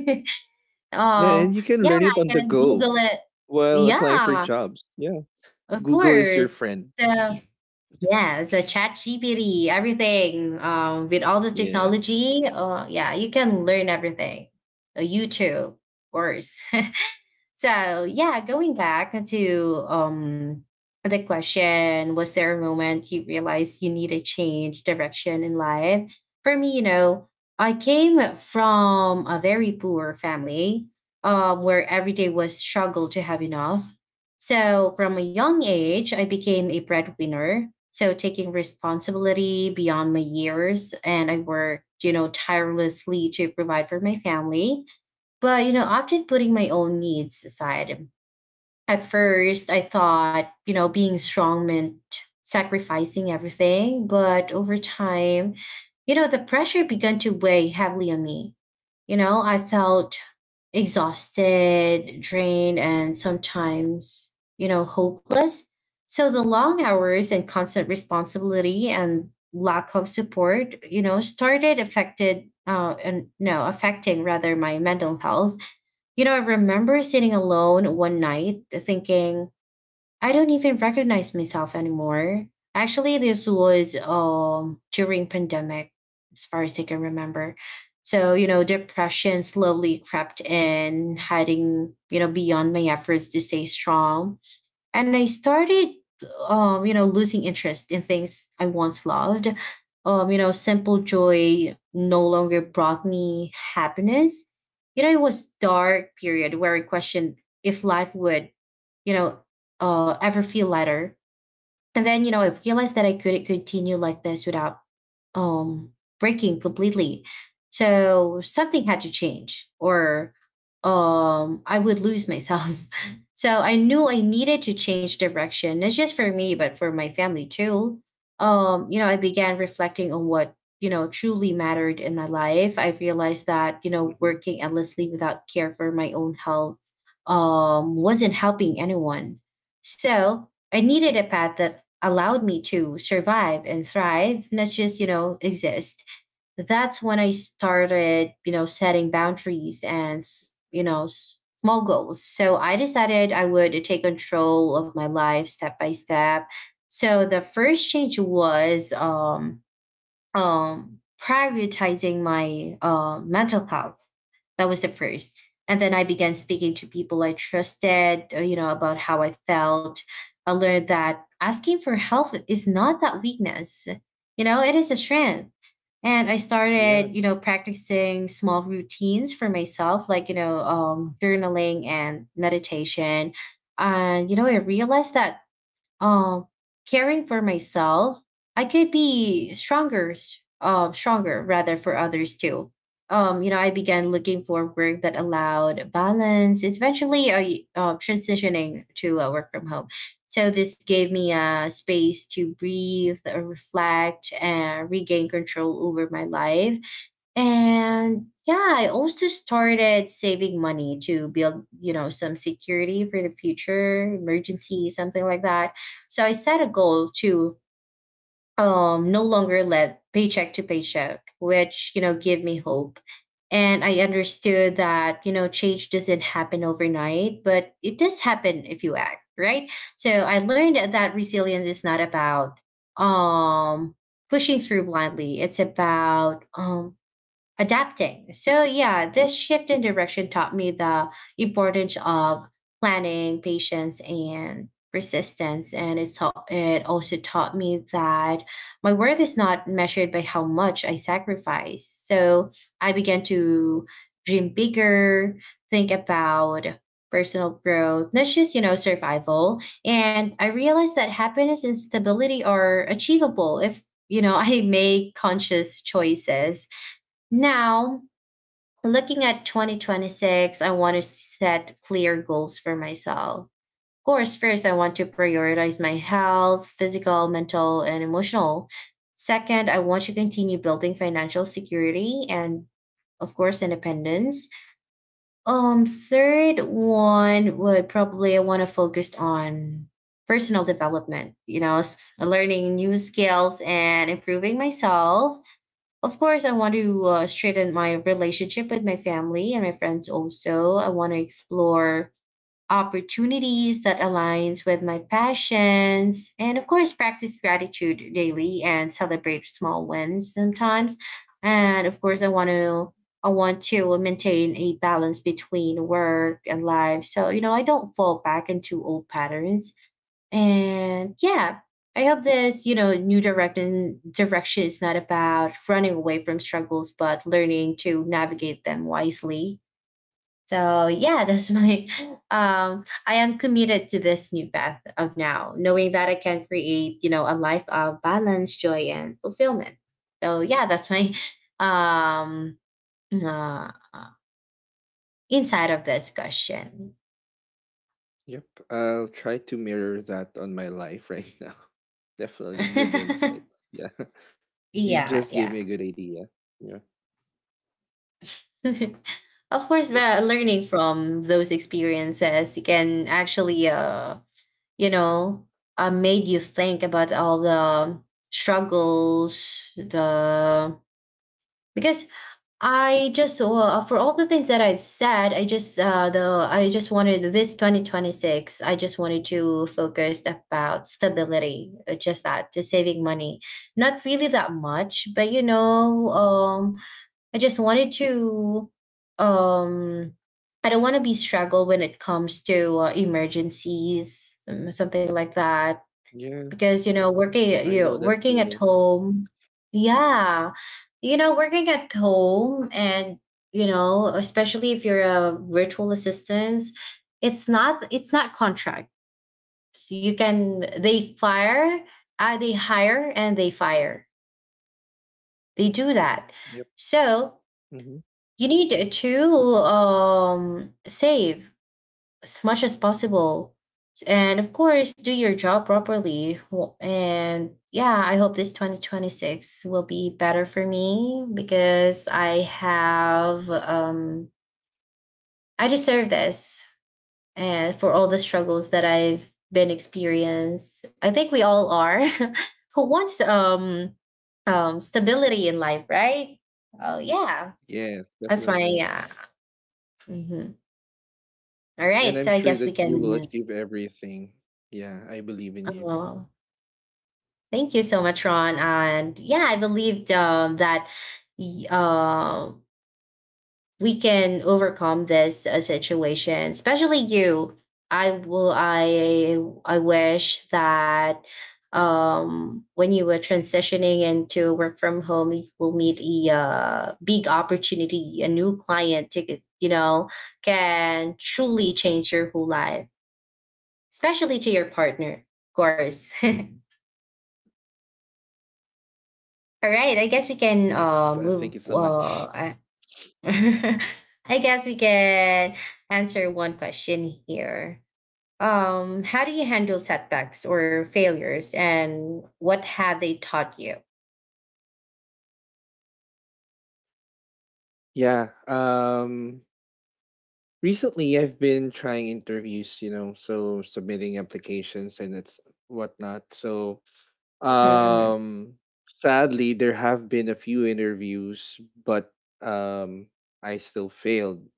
S2: Yeah,
S1: Oh,
S2: and you can
S1: yeah,
S2: learn it
S1: I
S2: on the
S1: can
S2: go
S1: Google it.
S2: while applying for
S1: Yeah,
S2: jobs. Yeah.
S1: of
S2: Google is your
S1: course.
S2: friend.
S1: So yeah, so Chat G P T, everything um, with all the
S2: Yes.
S1: technology. Uh, yeah, you can learn everything. Uh, YouTube, of course. So yeah, going back to um the question, was there a moment you realized you needed change direction in life? For me, you know, I came from a very poor family, um, where every day was struggle to have enough. So from a young age, I became a breadwinner. So taking responsibility beyond my years, and I worked, you know, tirelessly to provide for my family, but, you know, often putting my own needs aside. At first, I thought, you know, being strong meant sacrificing everything. But over time, you know, the pressure began to weigh heavily on me. You know, I felt exhausted, drained, and sometimes, you know, hopeless. So the long hours and constant responsibility and lack of support, you know, started affected uh and no, affecting rather my mental health. You know, I remember sitting alone one night thinking, I don't even recognize myself anymore. Actually, this was um during pandemic, as far as I can remember. So, you know, depression slowly crept in, hiding, you know, beyond my efforts to stay strong, and I started, um, you know, losing interest in things I once loved. Um, you know, simple joy no longer brought me happiness. You know, it was dark period where I questioned if life would, you know, uh, ever feel lighter. And then, you know, I realized that I couldn't continue like this without um breaking completely. So something had to change or um I would lose myself. So I knew I needed to change direction, not just for me, but for my family too. Um, you know, I began reflecting on what, you know, truly mattered in my life. I realized that, you know,
S2: Hmm.
S1: working endlessly without care for my own health um wasn't helping anyone. So I needed a path that allowed me to survive and thrive, not just, you know, exist. That's when I started, you know, setting boundaries and, you know, small goals. So I decided I would take control of my life step by step. So the first change was um um, prioritizing my uh, mental health. That was the first. And then I began speaking to people I trusted, uh, you know, about how I felt. I learned that asking for help is not that weakness, you know, it is a strength. And I started, you
S2: Yeah.
S1: know, practicing small routines for myself, like, you know, um, journaling and meditation. And, you know, I realized that um caring for myself, I could be stronger s- uh, stronger rather for others too. Um you know, I began looking for work that allowed balance. It's eventually I uh, transitioning to uh, work from home. So this gave me a space to breathe, uh, reflect and regain control over my life. And yeah, I also started saving money to build, you know, some security for the future, emergency, something like that. So I set a goal to um, no longer live paycheck to paycheck, which, you know, gave me hope. And I understood that, you know, change doesn't happen overnight, but it does happen if you act, right? So I learned that resilience is not about um, pushing through blindly. It's about um, adapting. So yeah, this shift in direction taught me the importance of planning, patience, and persistence. And it's al- it also taught me that my worth is not measured by how much I sacrifice. So I began to dream bigger, think about personal growth, not just, you know, survival. And I realized that happiness and stability are achievable if, you know, I make conscious choices. Now, looking at twenty twenty-six, I want to set clear goals for myself. Of course, first, I want to prioritize my health, physical, mental, and emotional. Second, I want to continue building financial security and, of course, independence. Um, third one would probably I want to focus on personal development, you know, s- learning new skills and improving myself. Of course, I want to uh, straighten my relationship with my family and my friends also. I want to explore opportunities that aligns with my passions, and of course practice gratitude daily and celebrate small wins sometimes. And of course i want to I want to maintain a balance between work and life, so you know, I don't fall back into old patterns. And yeah, I hope this, you know, new direction direction is not about running away from struggles, but learning to navigate them wisely. So yeah, that's my. Um, I am committed to this new path of now, knowing that I can create, you know, a life of balance, joy, and fulfillment. So yeah, that's my um uh, inside of this question.
S2: Yep, I'll try to mirror that on my life right now. Definitely good
S1: Yeah,
S2: insights. Yeah, you
S1: yeah.
S2: just gave me a good idea. Yeah.
S1: Of course, the
S2: Yep.
S1: learning from those experiences can actually, uh, you know, uh, made you think about all the struggles, the, because I just uh, for all the things that I've said, I just uh, the I just wanted this twenty twenty-six. I just wanted to focus about stability, uh, just that, just saving money, not really that much, but you know, um, I just wanted to um I don't want to be struggle when it comes to uh, emergencies, some, something like that. Because
S2: Yeah,
S1: you know, working you know,
S2: I know
S1: working
S2: that
S1: at
S2: feeling.
S1: home, yeah, you know, working at home, and you know, especially if you're a virtual assistant, it's not it's not contract. You can they fire, uh, they hire, and they fire. They do that.
S2: Yep.
S1: So
S2: Hmm.
S1: you need to um, save as much as possible and of course do your job properly. Wh- and yeah, I hope this twenty twenty-six will be better for me because I have um I deserve this. And for all the struggles that I've been experienced, I think we all are who wants um um stability in life, right? Oh yeah, that's
S2: Yes,
S1: my, yeah.
S2: definitely.
S1: Mhm. All right, so I
S2: And
S1: guess
S2: I'm
S1: we
S2: sure that
S1: can.
S2: you will achieve everything. Yeah, I believe in
S1: Oh,
S2: you.
S1: thank you so much, Ron. And yeah, I believed um, that y- uh, we can overcome this uh, situation, especially you. I will. I I wish that um, when you were transitioning into work from home, you will meet a uh, big opportunity, a new client ticket. You know, can truly change your whole life, especially to your partner, of course. All
S2: Yes, uh,
S1: right, I
S2: thank
S1: guess
S2: you
S1: we
S2: so
S1: can uh,
S2: much.
S1: move. Uh, I I guess we can answer one question here. Um, how do you handle setbacks or failures, and what have they taught you?
S2: Yeah, um, recently I've been trying interviews, you know, so submitting applications and it's whatnot. So,
S1: Mhm,
S2: Um, sadly, there have been a few interviews, but um, I still failed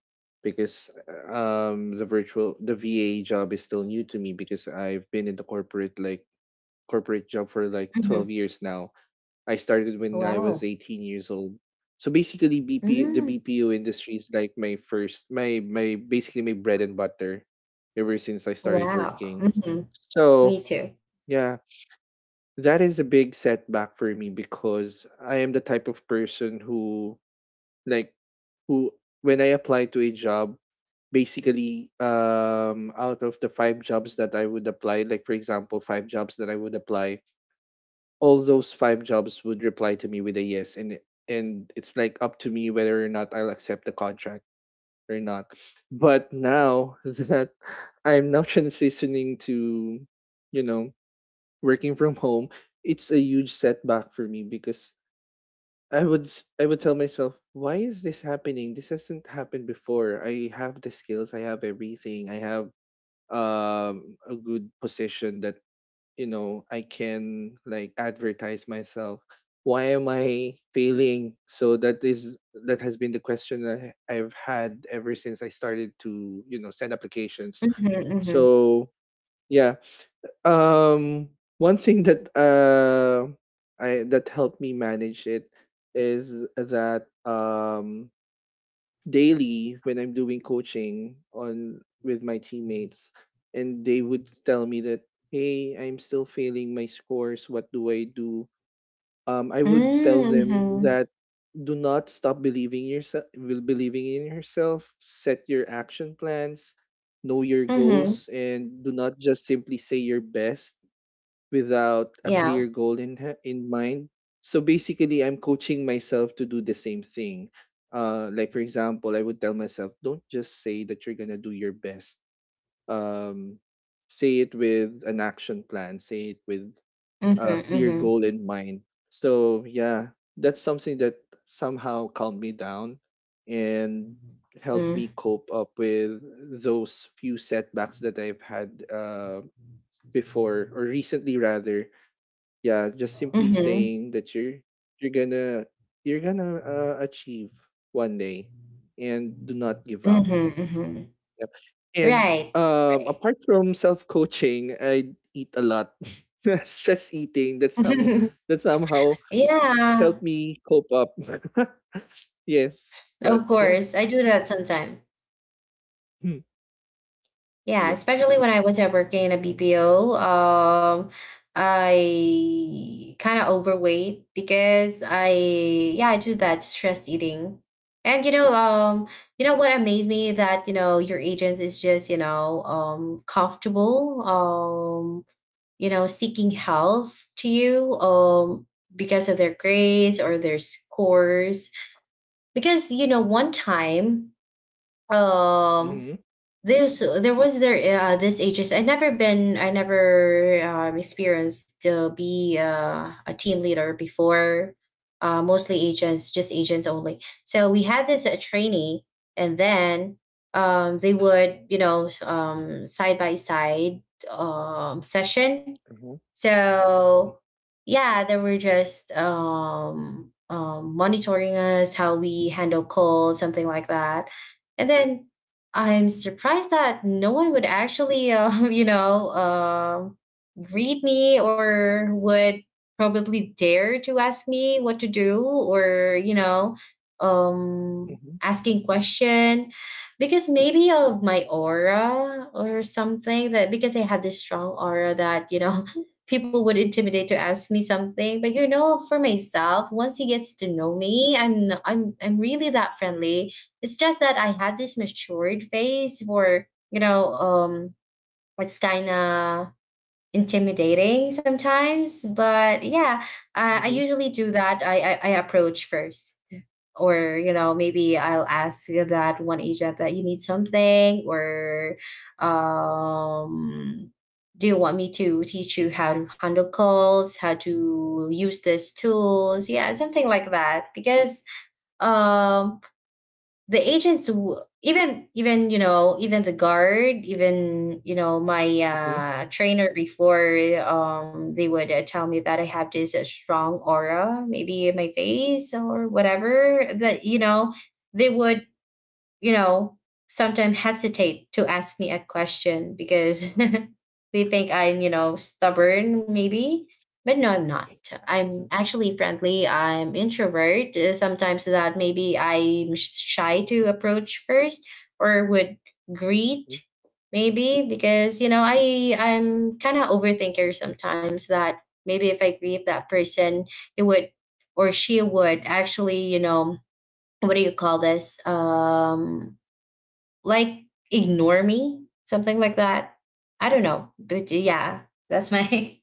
S2: because um, the virtual the V A job is still new to me because I've been in the corporate like corporate job for like
S1: mhm, mhm.
S2: twelve years now. I started when I was
S1: Wow.
S2: eighteen years old. So basically B P the
S1: Mm,
S2: B P O industry is like my first my my basically my bread and butter ever since I started
S1: wow.
S2: working.
S1: Hmm.
S2: So,
S1: Me too.
S2: yeah, that is a big setback for me because I am the type of person who like who when I apply to a job, basically um out of the five jobs that I would apply, like for example, five jobs that I would apply, all those five jobs would reply to me with a yes and it- and it's like up to me whether or not I'll accept the contract or not. But now that I'm now transitioning to, you know, working from home, it's a huge setback for me because I would s- I would tell myself, why is this happening? This hasn't happened before. I have the skills, I have everything, I have um a good position that you know I can like advertise myself. Why am I failing? So that is that has been the question that I- I've had ever since I started to you know send applications.
S1: Mm-hmm,
S2: So yeah, um, one thing that uh I that helped me manage it is that um daily when I'm doing coaching on with my teammates and they would tell me that hey, I'm still failing my scores, what do I do? Um, I would tell them
S1: hmm,
S2: that do not stop believing yourself believing in yourself, set your action plans, know your
S1: hmm.
S2: goals and do not just simply say your best without a
S1: Yeah.
S2: clear goal in ha- in mind. So basically, I'm coaching myself to do the same thing. Uh, like for example, I would tell myself, don't just say that you're gonna do your best. Um, say it with an action plan. Say it with
S1: Hmm.
S2: a clear
S1: Hmm.
S2: goal in mind. So yeah, that's something that somehow calmed me down and helped
S1: Mm-hmm.
S2: me cope up with those few setbacks that I've had uh, before or recently rather, yeah, just simply
S1: Mm-hmm.
S2: saying that you're you're gonna you're gonna uh, achieve one day,
S1: Mhm,
S2: and do not give up.
S1: mhm.
S2: Yep. And
S1: Right,
S2: um,
S1: right.
S2: apart from self coaching, I eat a lot. Stress eating that some that somehow
S1: Yeah,
S2: helped me cope up. Yes,
S1: of
S2: but yeah,
S1: course. I do that sometimes.
S2: hmm,
S1: Yeah,
S2: yep.
S1: especially when I was at working in a B P O. um, I kind of overweight because I yeah I do that stress eating, and you know um you know what amazed me that you know your agent is just you know um comfortable um you know seeking help to you um because of their grades or their scores. Because you know one time, um
S2: Mm-hmm.
S1: there's there was there uh, this ages. I never been. I never um, experienced to be uh, a team leader before. Uh, mostly agents, just agents only. So we had this uh, trainee, and then um, they would you know um, side by side um, session.
S2: Mm-hmm.
S1: So
S2: Mm-hmm.
S1: yeah, they were just um, um, monitoring us, how we handle calls, something like that. And then I'm surprised that no one would actually, um, you know, um greet me or would probably dare to ask me what to do, or you know um asking question, because maybe of my aura or something. That because I have this strong aura that you know people would intimidate to ask me something. But you know, for myself, once he gets to know me, I'm n- I'm I'm really that friendly. It's just that I have this matured face for you know um it's kind of intimidating sometimes, but yeah, uh, I
S2: Mm-hmm.
S1: usually do that. I, I i approach first, or you know, maybe I'll ask that one agent that you need something, or um do you want me to teach you how to handle calls, how to use these tools? Yeah, something like that, because um the agents w- even even you know, even the guard, even you know my
S2: Mm-hmm.
S1: uh trainer before, um they would uh, tell me that I have this uh, strong aura maybe in my face or whatever, that you know they would, you know, sometimes hesitate to ask me a question because they think I'm, you know, stubborn maybe. But no, I'm not. I'm actually friendly. I'm introvert. Uh, Sometimes that maybe I'm shy to approach first or would greet,
S2: Mm-hmm.
S1: maybe because you know I I'm kind of overthinker sometimes, that maybe if I greet that person, it would, or she would actually you know, what do you call this, um like, ignore me, something like that. I don't know, but yeah, that's my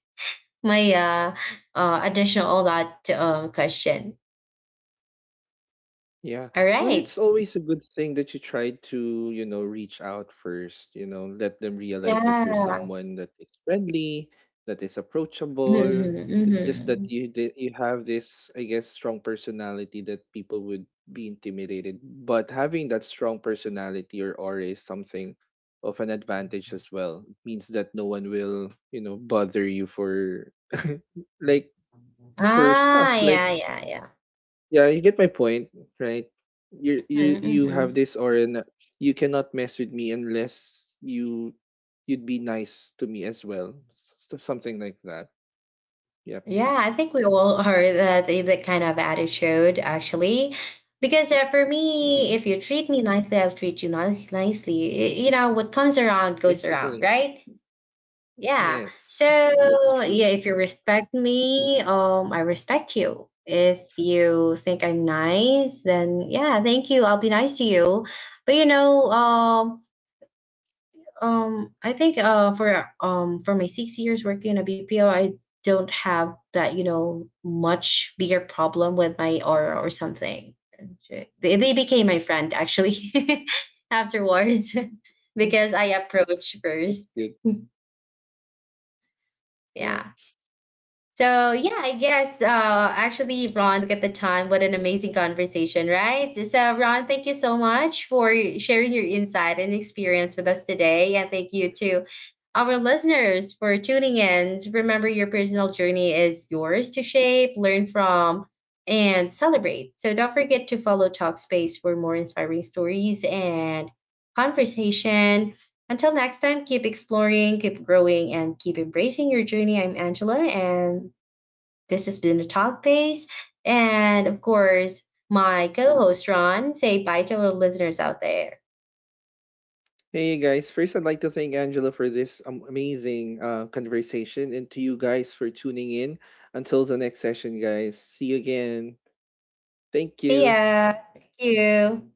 S1: my uh, uh additional all that um question.
S2: Yeah.
S1: All
S2: Well,
S1: right,
S2: it's, mm, always a good thing that you try to, you know, reach out first, you know, let them realize that you're
S1: yeah,
S2: someone that is friendly, that is approachable.
S1: mm-hmm,
S2: It's just that
S1: mm-hmm.
S2: you di- you have this, I guess, strong personality that people would be intimidated. But having that strong personality or aura is something of an advantage as well. It means that no one will, you know, bother you for like for
S1: Ah,
S2: stuff like
S1: yeah, yeah, yeah.
S2: yeah, you get my point, right? You you
S1: Mm-hmm,
S2: you have
S1: mm-hmm.
S2: this aura na you cannot mess with me unless you you'd be nice to me as well. S- s- something like that. Yep.
S1: Yeah, I think we all are that that kind of attitude actually, because uh, for me,
S2: Mm-hmm.
S1: if you treat me nicely, I'll treat you ni- nicely. Y- You know, what comes around goes around,
S2: Basically.
S1: right? Yeah.
S2: Yes,
S1: So
S2: that's true.
S1: yeah, if you respect me, um, I respect you. If you think I'm nice, then yeah, thank you. I'll be nice to you. But you know, um, um, I think uh for um for my six years working in a B P O, I don't have that you know much bigger problem with my aura or something. They they became my friend actually afterwards
S2: Mm,
S1: because I approached
S2: that's
S1: first.
S2: good.
S1: Yeah.
S2: Yeah.
S1: So yeah, I guess uh, actually, Ron, look at the time. What an amazing conversation, right? So Ron, thank you so much for sharing your insight and experience with us today, and thank you to our listeners for tuning in. Remember, your personal journey is yours to shape, learn from, and celebrate. So don't forget to follow Talkspace for more inspiring stories and conversation. Until next time, keep exploring, keep growing, and keep embracing your journey. I'm Angela, and this has been the Talkspace. And of course, my co host, Ron. Say bye to our listeners out there.
S2: Hey guys, first I'd like to thank Angela for this um, amazing uh, conversation and to you guys for tuning in. Until the next session, guys. See you again. Thank
S1: See
S2: you.
S1: ya. Thank you.